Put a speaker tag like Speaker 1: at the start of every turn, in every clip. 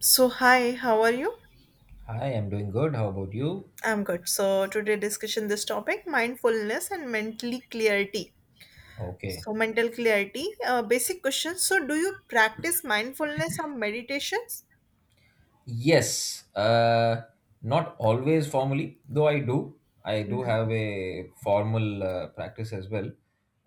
Speaker 1: So, hi, how are you?
Speaker 2: Hi, I'm doing good. How about you?
Speaker 1: I'm good. So, today discussion this topic mindfulness and mentally clarity.
Speaker 2: Okay.
Speaker 1: So, mental clarity, basic question. So, do you practice mindfulness or meditations?
Speaker 2: Yes, not always formally, though I do. I do have a formal practice as well,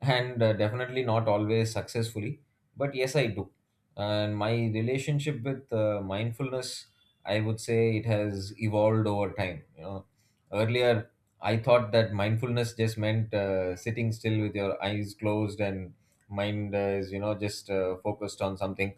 Speaker 2: and definitely not always successfully, but yes, I do. And my relationship with mindfulness, I would say it has evolved over time. You know, earlier I thought that mindfulness just meant sitting still with your eyes closed and mind is, you know, just focused on something,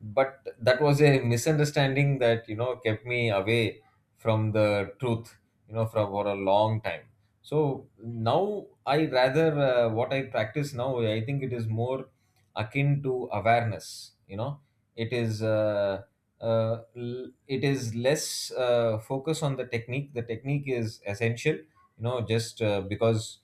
Speaker 2: but that was a misunderstanding that, you know, kept me away from the truth, you know, from for a long time. So now I rather, what I practice now, I think it is more akin to awareness, you know. It is it is less focus on the technique. The technique is essential, you know, just because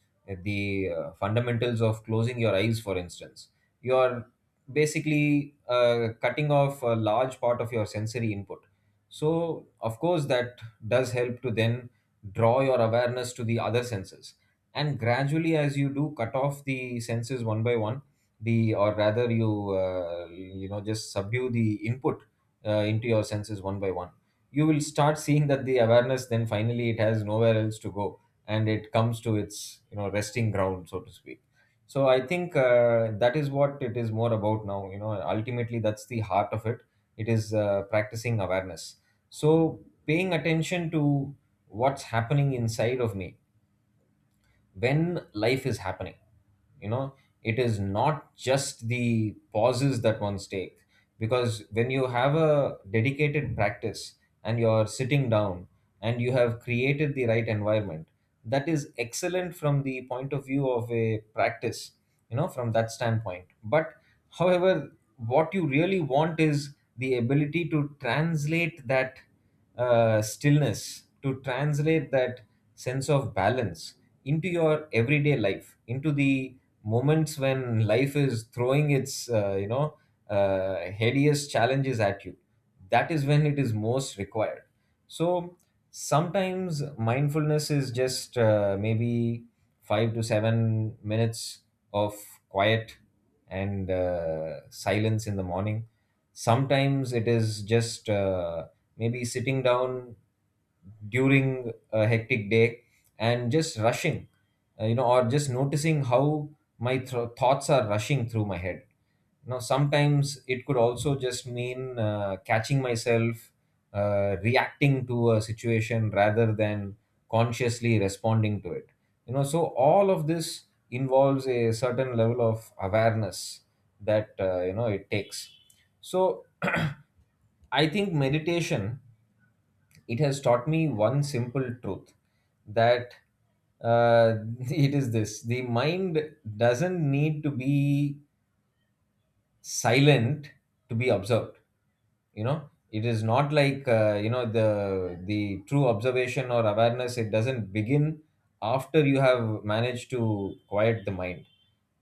Speaker 2: the fundamentals of closing your eyes, for instance, your basically cutting off a large part of your sensory input. So, of course, that does help to then draw your awareness to the other senses. And gradually, as you do cut off the senses one by one, the, or rather you, you know, just subdue the input into your senses one by one, you will start seeing that the awareness then finally it has nowhere else to go, and it comes to its, you know, resting ground, so to speak. So I think that is what it is more about now. You know, ultimately that's the heart of it. It is practicing awareness. So paying attention to what's happening inside of me when life is happening, you know. It is not just the pauses that ones take, because when you have a dedicated practice and you're sitting down and you have created the right environment, that is excellent from the point of view of a practice, you know, from that standpoint. But however, what you really want is the ability to translate that stillness, to translate that sense of balance into your everyday life, into the moments when life is throwing its, hideous challenges at you. That is when it is most required. So sometimes mindfulness is just maybe 5 to 7 minutes of quiet and silence in the morning. Sometimes it is just maybe sitting down during a hectic day and just rushing, or just noticing how my thro thoughts are rushing through my head. Now, sometimes it could also just mean catching myself reacting to a situation rather than consciously responding to it. You know, so all of this involves a certain level of awareness that, you know, it takes. So, I think meditation, it has taught me one simple truth, that uh, it is this: the mind doesn't need to be silent to be observed. You know, it is not like, you know, the true observation or awareness, it doesn't begin after you have managed to quiet the mind.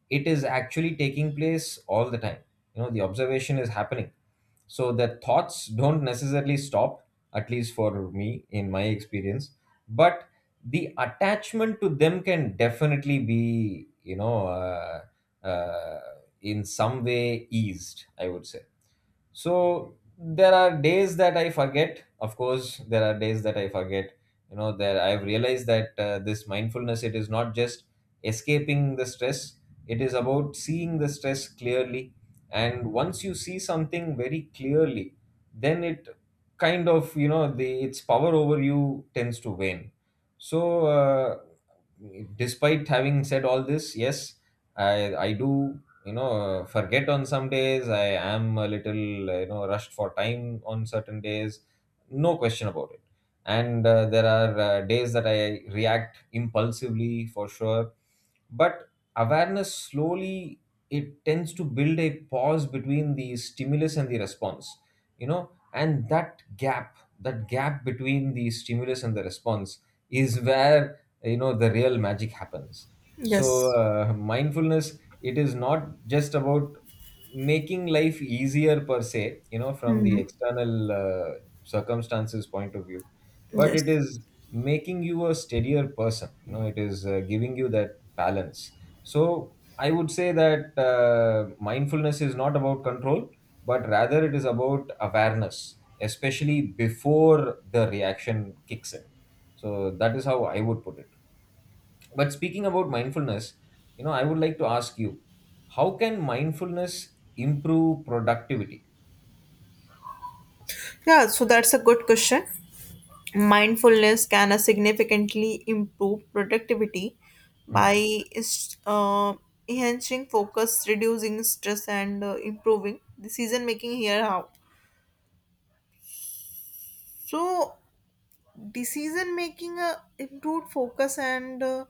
Speaker 2: It is actually taking place all the time. You know, the observation is happening, so the thoughts don't necessarily stop, at least for me in my experience. But the attachment to them can definitely be, you know, uh, in some way eased, I would say. So there are days that I forget. Of course there are days that I forget. You know, there I've realized that this mindfulness, it is not just escaping the stress, it is about seeing the stress clearly. And once you see something very clearly, then it kind of, you know, the, its power over you tends to wane. So despite having said all this, yes, I do, you know, forget on some days. I am a little, you know, rushed for time on certain days, no question about it. And there are days that I react impulsively, for sure. But awareness slowly, it tends to build a pause between the stimulus and the response. You know, and that gap, that gap between the stimulus and the response is where, you know, the real magic happens. So
Speaker 1: Yes.
Speaker 2: mindfulness, it is not just about making life easier per se, you know, from the
Speaker 1: Mhm.
Speaker 2: external circumstances point of view, but it
Speaker 1: Yes.
Speaker 2: is making you a steadier person. You know, it is giving you that balance. So I would say that mindfulness is not about control, but rather it is about awareness, especially before the reaction kicks in. So that is how I would put it. But speaking about mindfulness, you know, I would like to ask you, how can mindfulness improve productivity?
Speaker 1: Yeah, so that's a good question. Mindfulness can significantly improve productivity
Speaker 2: Hmm.
Speaker 1: by est- uh, enhancing focus, reducing stress, and improving decision making. Here, how? So, decision making improved focus and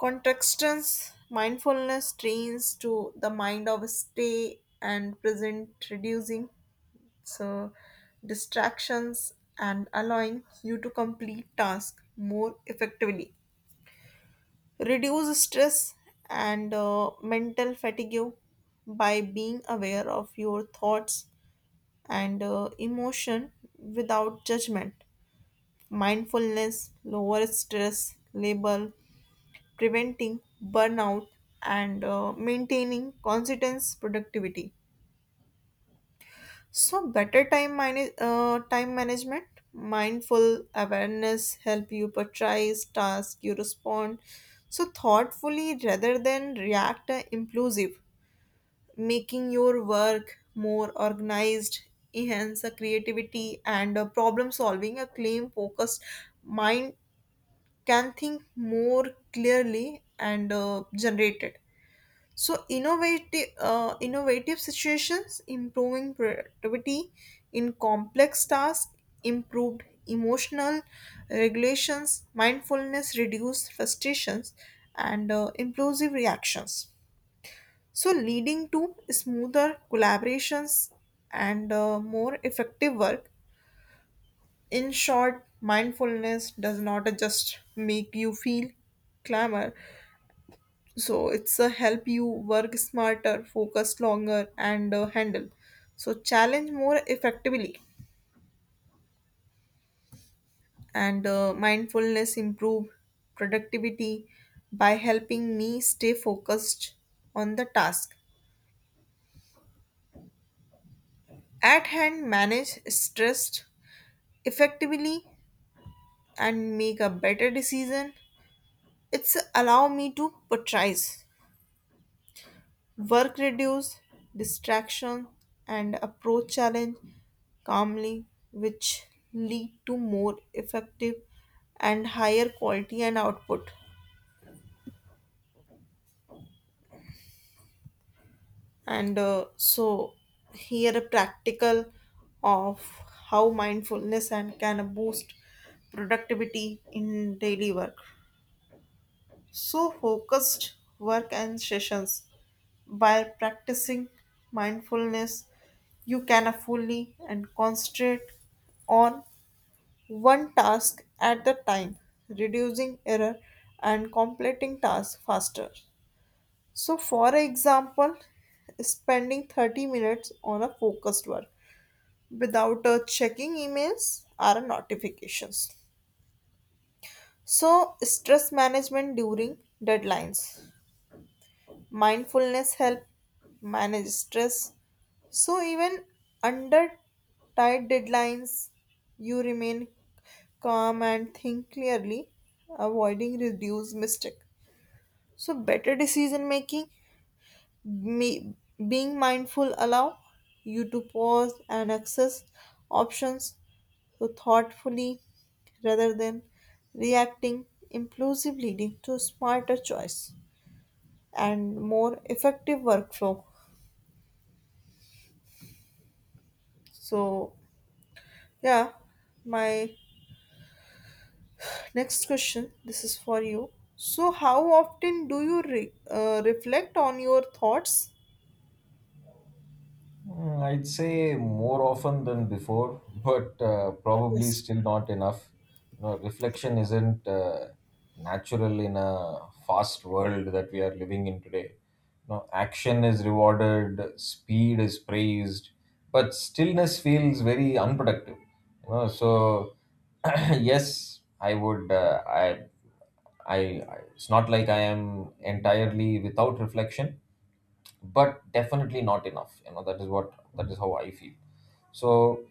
Speaker 1: contextance mindfulness trains to the mind of stay and present reducing so distractions and allowing you to complete task more effectively reduce stress and mental fatigue by being aware of your thoughts and emotion without judgment mindfulness, lower stress level, preventing burnout, and maintaining consistent productivity. So, better time time management, mindful awareness help you prioritize task you respond so thoughtfully rather than react impulsive, making your work more organized, enhance the creativity and problem solving. A claim focused mind can think more clearly and generate it. So innovative situations, improving productivity in complex tasks, improved emotional regulations, mindfulness, reduced frustrations, and impulsive reactions. So leading to smoother collaborations and more effective work. In short, mindfulness does not just make you feel clamor, so it's a help you work smarter focus longer and handle so challenge more effectively and mindfulness improve productivity by helping me stay focused on the task at hand manage stress effectively and make a better decision it's allow me to prioritize work reduce distraction and approach challenge calmly, which lead to more effective and higher quality and output. And so, here a practical of how mindfulness and can boost productivity in daily work. So, focused work and sessions by practicing mindfulness, you can fully and concentrate on one task at the time, reducing error and completing tasks faster. So, for example, spending 30 minutes on a focused work without checking emails or notifications. So, stress management during deadlines. Mindfulness help manage stress. So even under tight deadlines, you remain calm and think clearly, avoiding reduced mistake. So better decision making, me, being mindful allow you to pause and access options so thoughtfully rather than reacting impulsively, leading to smarter choice and more effective workflow. So, yeah, my next question this is for you. So, how often do you reflect on your thoughts?
Speaker 2: Mm, I'd say more often than before, but probably
Speaker 1: Yes.
Speaker 2: still not enough. You know, reflection isn't natural in a fast world that we are living in today. You know, action is rewarded, speed is praised, but stillness feels very unproductive. You know, so yes, I would. I. It's not like I am entirely without reflection, but definitely not enough, you know. That is what, that is how I feel. So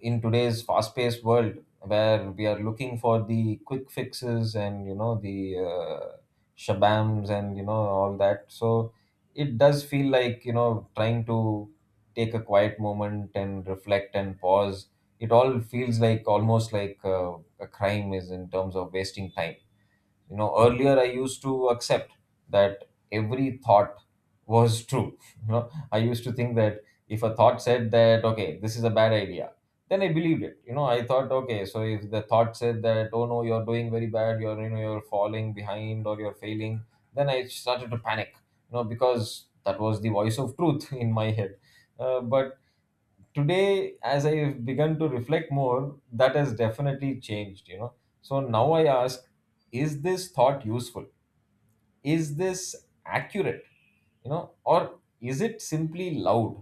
Speaker 2: in today's fast paced world, where we are looking for the quick fixes and, you know, the shabams and, you know, all that. So it does feel like, you know, trying to take a quiet moment and reflect and pause, it all feels like almost like a crime is in terms of wasting time. You know, earlier I used to accept that every thought was true. You know, I used to think that if a thought said that, okay, this is a bad idea, then I believed it. You know, I thought, okay, so if the thought said that, oh no, you're doing very bad, you're, you know, you're falling behind or you're failing, then I started to panic. You know, because that was the voice of truth in my head. But today, as I've begun to reflect more, that has definitely changed, you know. So now I ask, is this thought useful? Is this accurate? You know, or is it simply loud?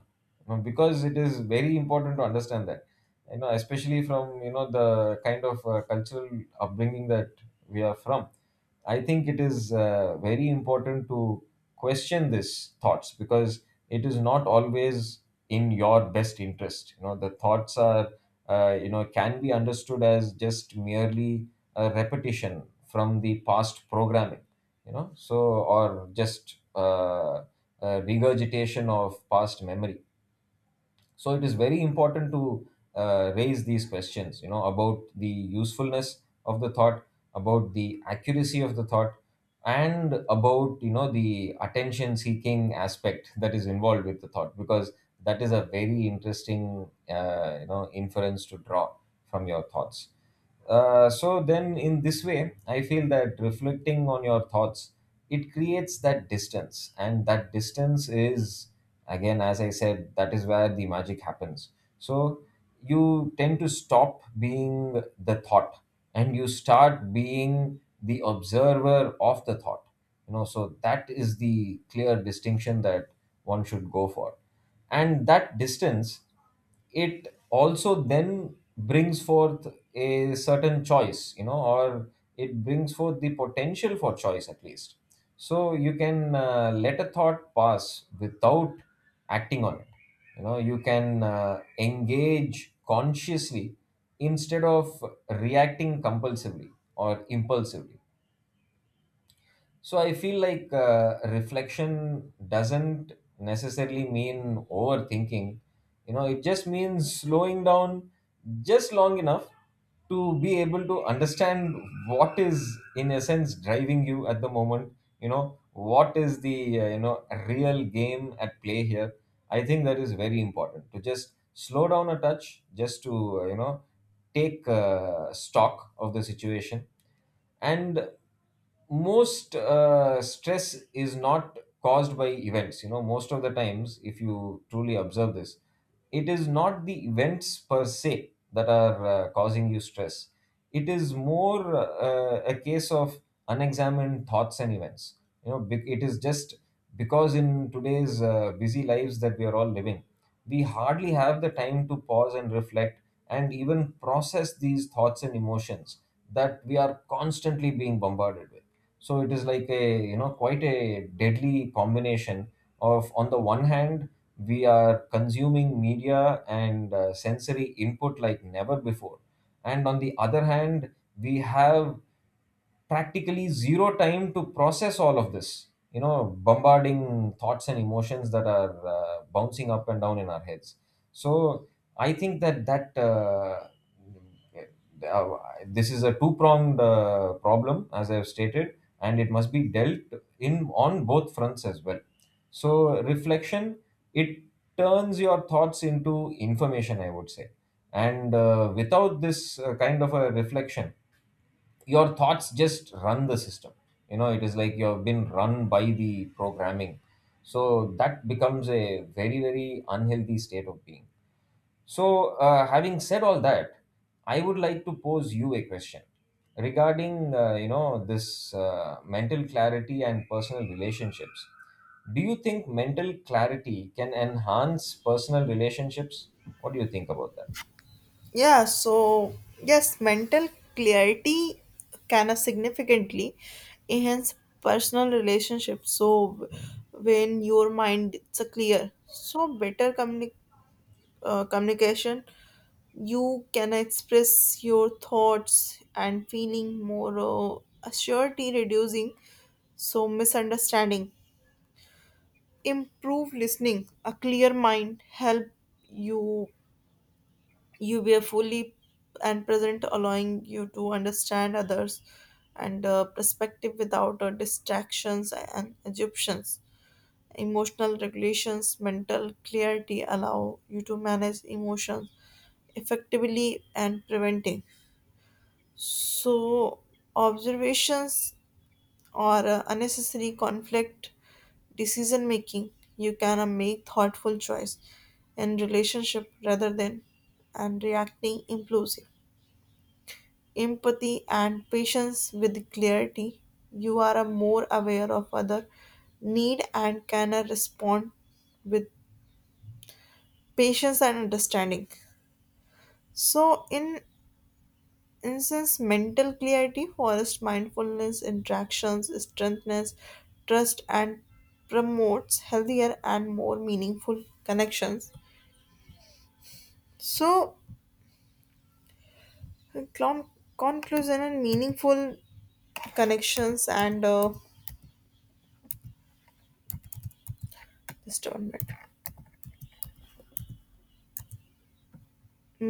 Speaker 2: You know, because it is very important to understand that, you know, especially from, you know, the kind of cultural upbringing that we are from, I think it is very important to question these thoughts, because it is not always in your best interest. You know, the thoughts are, you know, can be understood as just merely a repetition from the past programming, you know. So or just regurgitation of past memory. So it is very important to raise these questions, you know, about the usefulness of the thought, about the accuracy of the thought, and about, you know, the attention seeking aspect that is involved with the thought, because that is a very interesting you know, inference to draw from your thoughts. So then in this way, I feel that reflecting on your thoughts, it creates that distance, and that distance is, again, as I said, that is where the magic happens. So you tend to stop being the thought, and you start being the observer of the thought. You know, so that is the clear distinction that one should go for. And that distance, it also then brings forth a certain choice, you know, or it brings forth the potential for choice, at least. So you can let a thought pass without acting on it. You know, you can engage consciously instead of reacting compulsively or impulsively. So I feel like reflection doesn't necessarily mean overthinking. You know, it just means slowing down just long enough to be able to understand what is, in a sense, driving you at the moment. You know, what is the, you know, real game at play here. I think that is very important to just slow down a touch, just to take stock of the situation. And most stress is not caused by events, you know, most of the times if you truly observe this, it is not the events per se that are causing you stress. It is more a case of unexamined thoughts and events, you know. It is just because in today's busy lives that we are all living, we hardly have the time to pause and reflect and even process these thoughts and emotions that we are constantly being bombarded with. So it is like, a you know, quite a deadly combination of, on the one hand, we are consuming media and sensory input like never before, and on the other hand, we have practically zero time to process all of this, you know, bombarding thoughts and emotions that are bouncing up and down in our heads. So I think that uh, this is a two pronged problem, as I have stated, and it must be dealt in on both fronts as well. So reflection, it turns your thoughts into information, I would say. And without this kind of a reflection, your thoughts just run the system. You know, it is like you have been run by the programming. So that becomes a very very unhealthy state of being. So having said all that, I would like to pose you a question regarding this mental clarity and personal relationships. Do you think mental clarity can enhance personal relationships? What do you think about that?
Speaker 1: Yeah, so, yes, mental clarity can significantly enhance personal relationships. So, when your mind it's a clear, so better communication you can express your thoughts and feeling more assurity reducing so misunderstanding improve listening a clear mind help you you be fully and present allowing you to understand others and perspective without distractions and assumptions emotional regulations, mental clarity allow you to manage emotions effectively and preventing. So, observations or unnecessary conflict, decision making, you can make thoughtful choice in relationship rather than and reacting impulsive. Empathy and patience with clarity, you are more aware of other need and can respond with patience and understanding. So, in instance, mental clarity, forest mindfulness, interactions, strengthens trust, and promotes healthier and more meaningful connections. So, con- conclusion and meaningful connections and just one minute.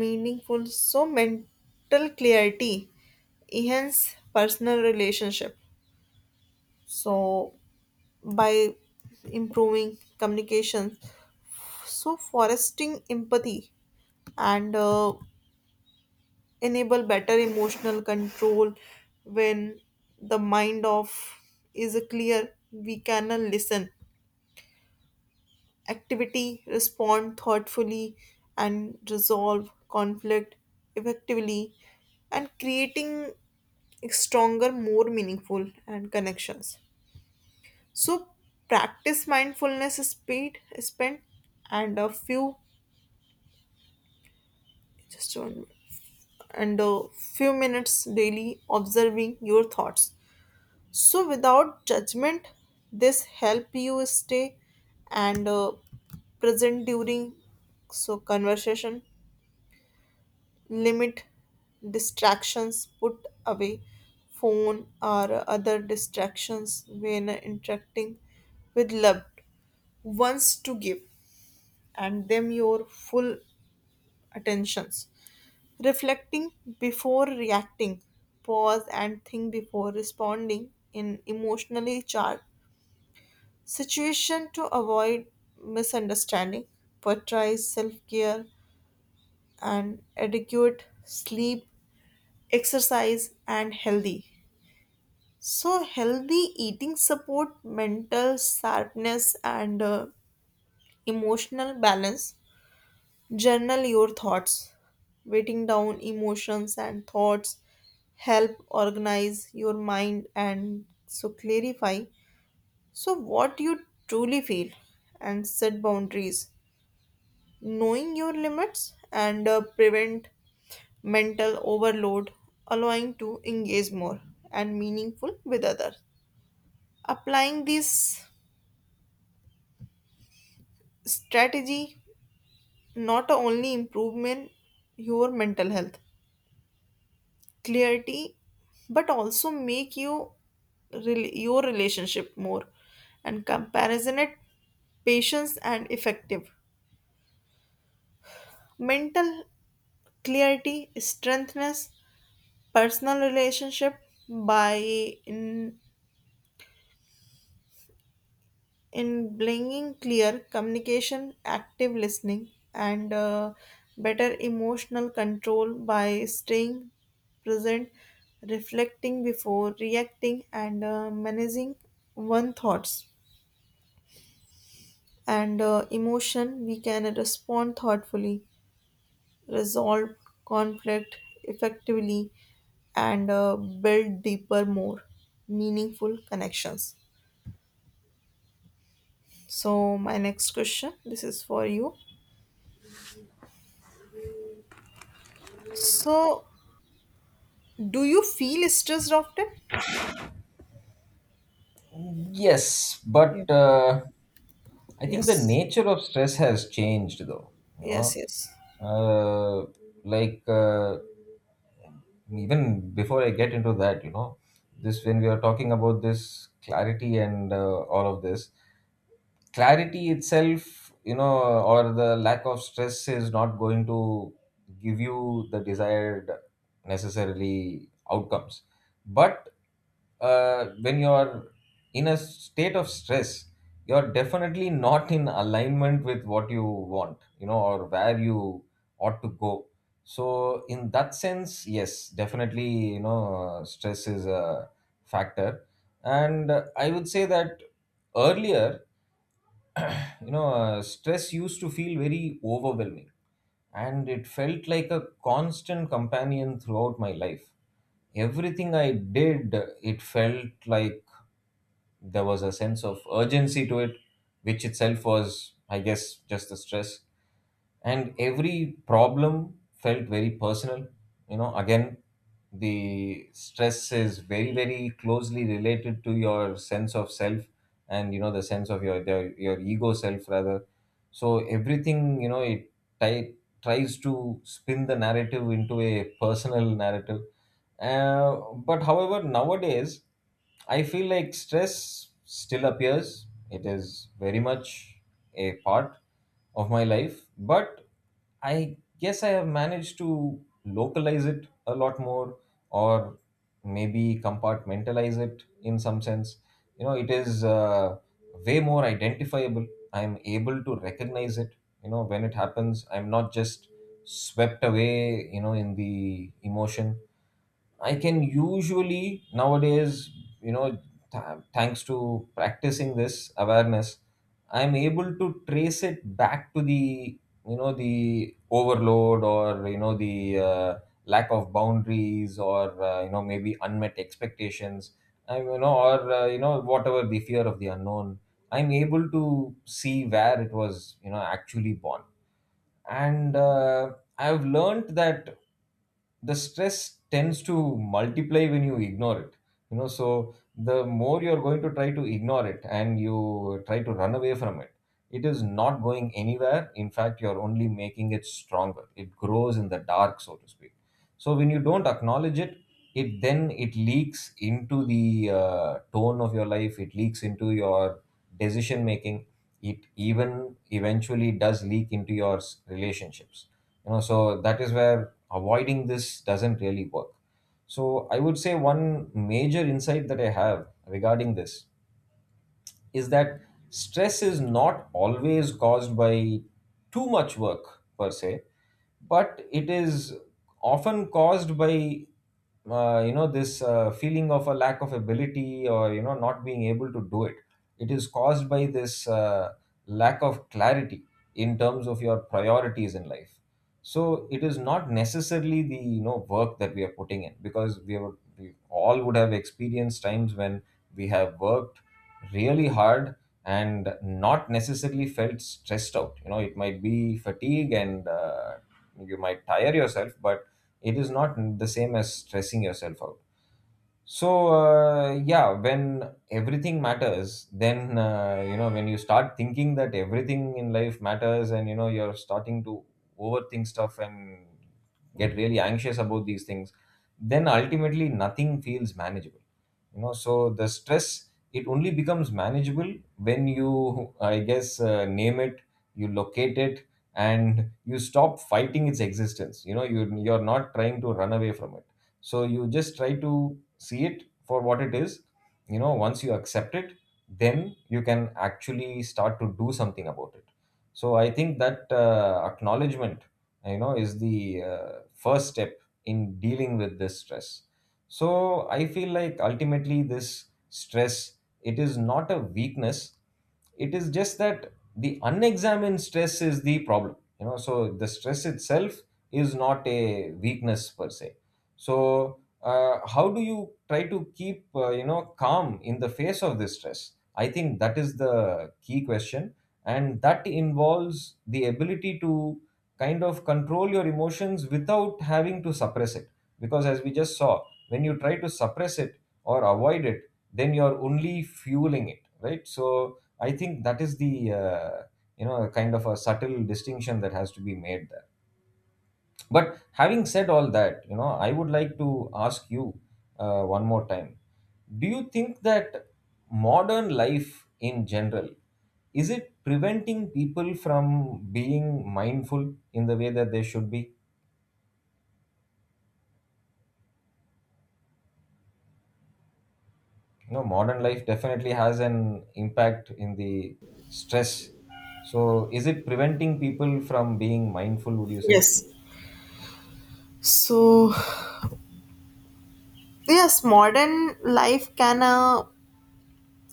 Speaker 1: Meaningful. So, mental clarity enhance personal relationship. So, by improving communication so foresting empathy and enable better emotional control when the mind of is clear we can listen activity respond thoughtfully and resolve conflict effectively and creating stronger more meaningful and connections so practice mindfulness speed spent and a few just one minute. And a few minutes daily observing your thoughts so without judgment this help you stay and present during so conversation limit distractions put away phone or other distractions when interacting with loved ones to give and them your full attentions reflecting before reacting, pause and think before responding in emotionally charged situation to avoid misunderstanding, prioritize self-care and adequate sleep, exercise and healthy. So healthy eating support mental sharpness and emotional balance. Journal your thoughts, writing down emotions and thoughts help organize your mind and so clarify so what you truly feel and set boundaries knowing your limits and prevent mental overload allowing to engage more and meaningful with others applying this strategy not only improvement your mental health clarity but also make you your relationship more and comparison it patience and effective mental clarity strengthens personal relationship by in in bringing clear communication, active listening, and better emotional control by staying present, reflecting before reacting, and managing one thoughts and emotion. We can respond thoughtfully, resolve conflict effectively, and build deeper, more meaningful connections. So, my next question this is for you. So, do you feel stressed often?
Speaker 2: Yes,
Speaker 1: Yeah.
Speaker 2: but I think the
Speaker 1: Yes.
Speaker 2: nature of stress has changed, though. You
Speaker 1: Yes,
Speaker 2: know,
Speaker 1: yes.
Speaker 2: uh, like even before I get into that, you know, this when we are talking about this clarity and all of this, clarity itself, you know, or the lack of stress is not going to give you the desired necessarily outcomes. But when you're in a state of stress, you're definitely not in alignment with what you want, you know, or where you ought to go. So in that sense, yes, definitely, you know, stress is a factor. And I would say that earlier, you know, stress used to feel very overwhelming and it felt like a constant companion throughout my life. Everything I did, it felt like there was a sense of urgency to it, which itself was, I guess, just the stress. And every problem felt very personal. You know, again, the stress is very very closely related to your sense of self, and you know, the sense of your your ego self rather. So everything, you know, it ti- tries to spin the narrative into a personal narrative. But however, nowadays I feel like stress still appears, it is very much a part of my life, but I guess I have managed to localize it a lot more, or maybe compartmentalize it in some sense. You know, it is way more identifiable. I'm able to recognize it. You know, when it happens, I'm not just swept away, you know, in the emotion. I can usually nowadays, you know, thanks to practicing this awareness, I'm able to trace it back to the, you know, the overload, or, you know, the lack of boundaries, or, you know, maybe unmet expectations, I, you know, or, you know, whatever, the fear of the unknown. I'm able to see where it was, you know, actually born. And I've learned that the stress tends to multiply when you ignore it. You know, so the more you're going to try to ignore it and you try to run away from it, it is not going anywhere. In fact, you're only making it stronger. It grows in the dark, so to speak. So when you don't acknowledge it, it then it leaks into the tone of your life. It leaks into your decision making. It even eventually does leak into your relationships. You know, so that is where avoiding this doesn't really work. So I would say one major insight that I have regarding this is that stress is not always caused by too much work per se, but it is often caused by this feeling of a lack of ability, or you know, not being able to do it. It is caused by this lack of clarity in terms of your priorities in life. So it is not necessarily the, you know, work that we are putting in, because we, have, we all would have experienced times when we have worked really hard and not necessarily felt stressed out. You know, it might be fatigue, and you might tire yourself, but it is not the same as stressing yourself out. So yeah, when everything matters, then you know, when you start thinking that everything in life matters and you know, you're starting to overthink stuff and get really anxious about these things, then ultimately nothing feels manageable. You know, so the stress, it only becomes manageable when you, I guess, name it, you locate it, and you stop fighting its existence. You know, you're not trying to run away from it. So you just try to see it for what it is. You know, once you accept it, then you can actually start to do something about it. So I think that acknowledgement, you know, is the first step in dealing with this stress. So I feel like ultimately this stress, it is not a weakness. It is just that the unexamined stress is the problem. You know, so the stress itself is not a weakness per se. So how do you try to keep calm in the face of this stress? I think that is the key question, and that involves the ability to kind of control your emotions without having to suppress it. Because as we just saw, when you try to suppress it or avoid it, then you're only fueling it, right? So I think that is the you know, kind of a subtle distinction that has to be made there. But having said all that, you know, I would like to ask you one more time: do you think that modern life in general, is it preventing people from being mindful in the way that they should be? You know, modern life definitely has an impact in the stress. So, is it preventing people from being mindful? Would you say?
Speaker 1: Yes. So, yes, modern life can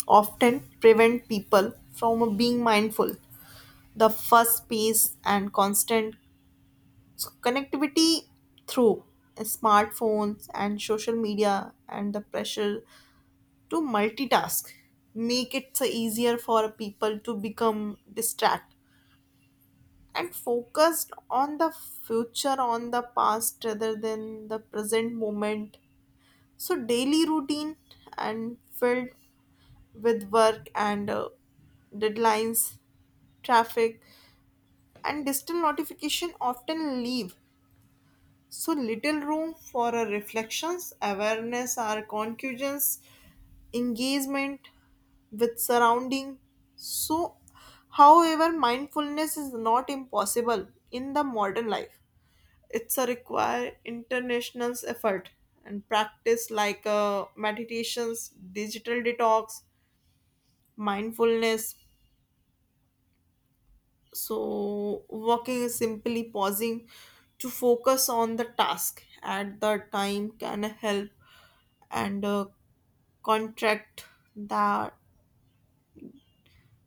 Speaker 1: often prevent people from being mindful. The fast pace and constant connectivity through smartphones and social media and the pressure to multitask make it so easier for people to become distracted and focused on the future on the past rather than the present moment so daily routine and filled with work and deadlines traffic and distant notification often leave so little room for a reflections awareness or conclusions engagement with surrounding so however mindfulness is not impossible in the modern life it's a require international's effort and practice like meditations digital detox mindfulness so walking is simply pausing to focus on the task at the time can help and contract that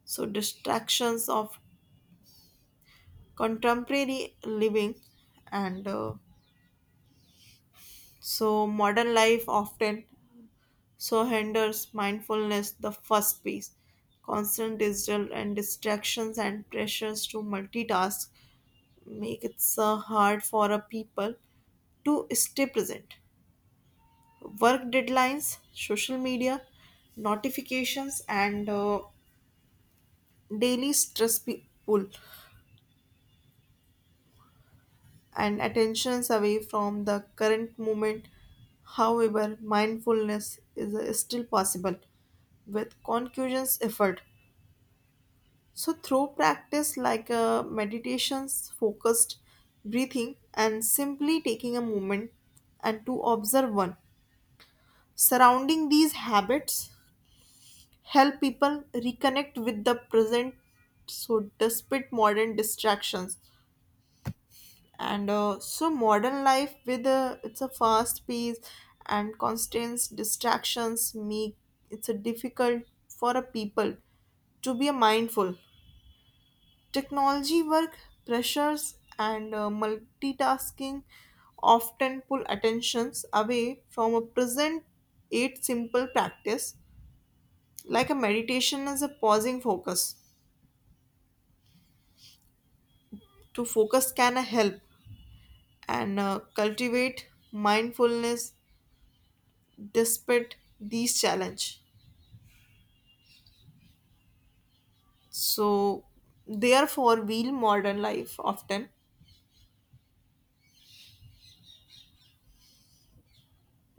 Speaker 1: so distractions of contemporary living and so modern life often so hinders mindfulness the first piece. Constant digital and distractions and pressures to multitask make it so hard for a people to stay present. Work deadlines, social media, notifications, and daily stress pull and attentions away from the current moment. However, mindfulness is still possible with concussions effort so, through practice like meditations, focused breathing, and simply taking a moment and to observe one, surrounding these habits help people reconnect with the present. So, despite modern distractions, and so modern life with a, it's a fast pace and constant distractions make it's a difficult for a people to be a mindful technology work pressures and multitasking often pull attentions away from a present eight simple practice like a meditation is a pausing focus to focus can help and cultivate mindfulness despite these challenge so therefore real modern life often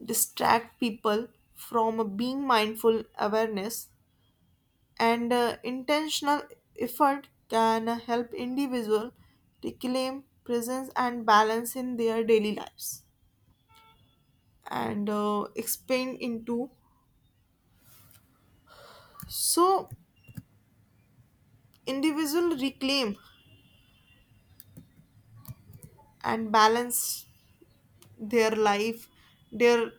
Speaker 1: distract people from a being mindful awareness and intentional effort can help individual reclaim presence and balance in their daily lives and expand into so individual reclaim and balance their life their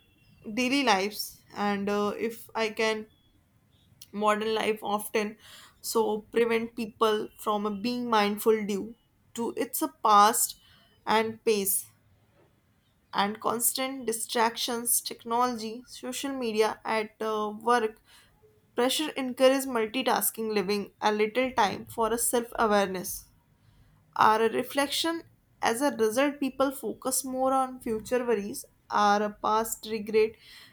Speaker 1: daily lives and if I can modern life often so prevent people from being mindful due to its past and pace and constant distractions, technology, social media at work, pressure encourages multitasking, living a little time for a self awareness. Our reflection, as a result, people focus more on future worries, our past regret,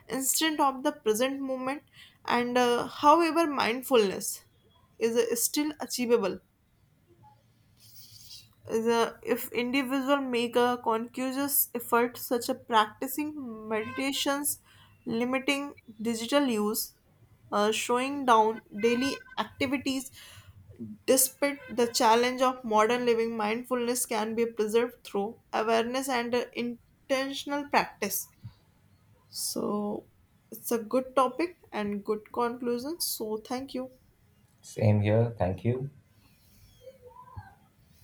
Speaker 1: instead of the present moment, and however, mindfulness is still achievable the if individual make a conscious effort such as practicing meditations limiting digital use showing down daily activities despite the challenge of modern living mindfulness can be preserved through awareness and intentional practice so it's a good topic and good conclusion so thank you
Speaker 2: Same here. Thank you.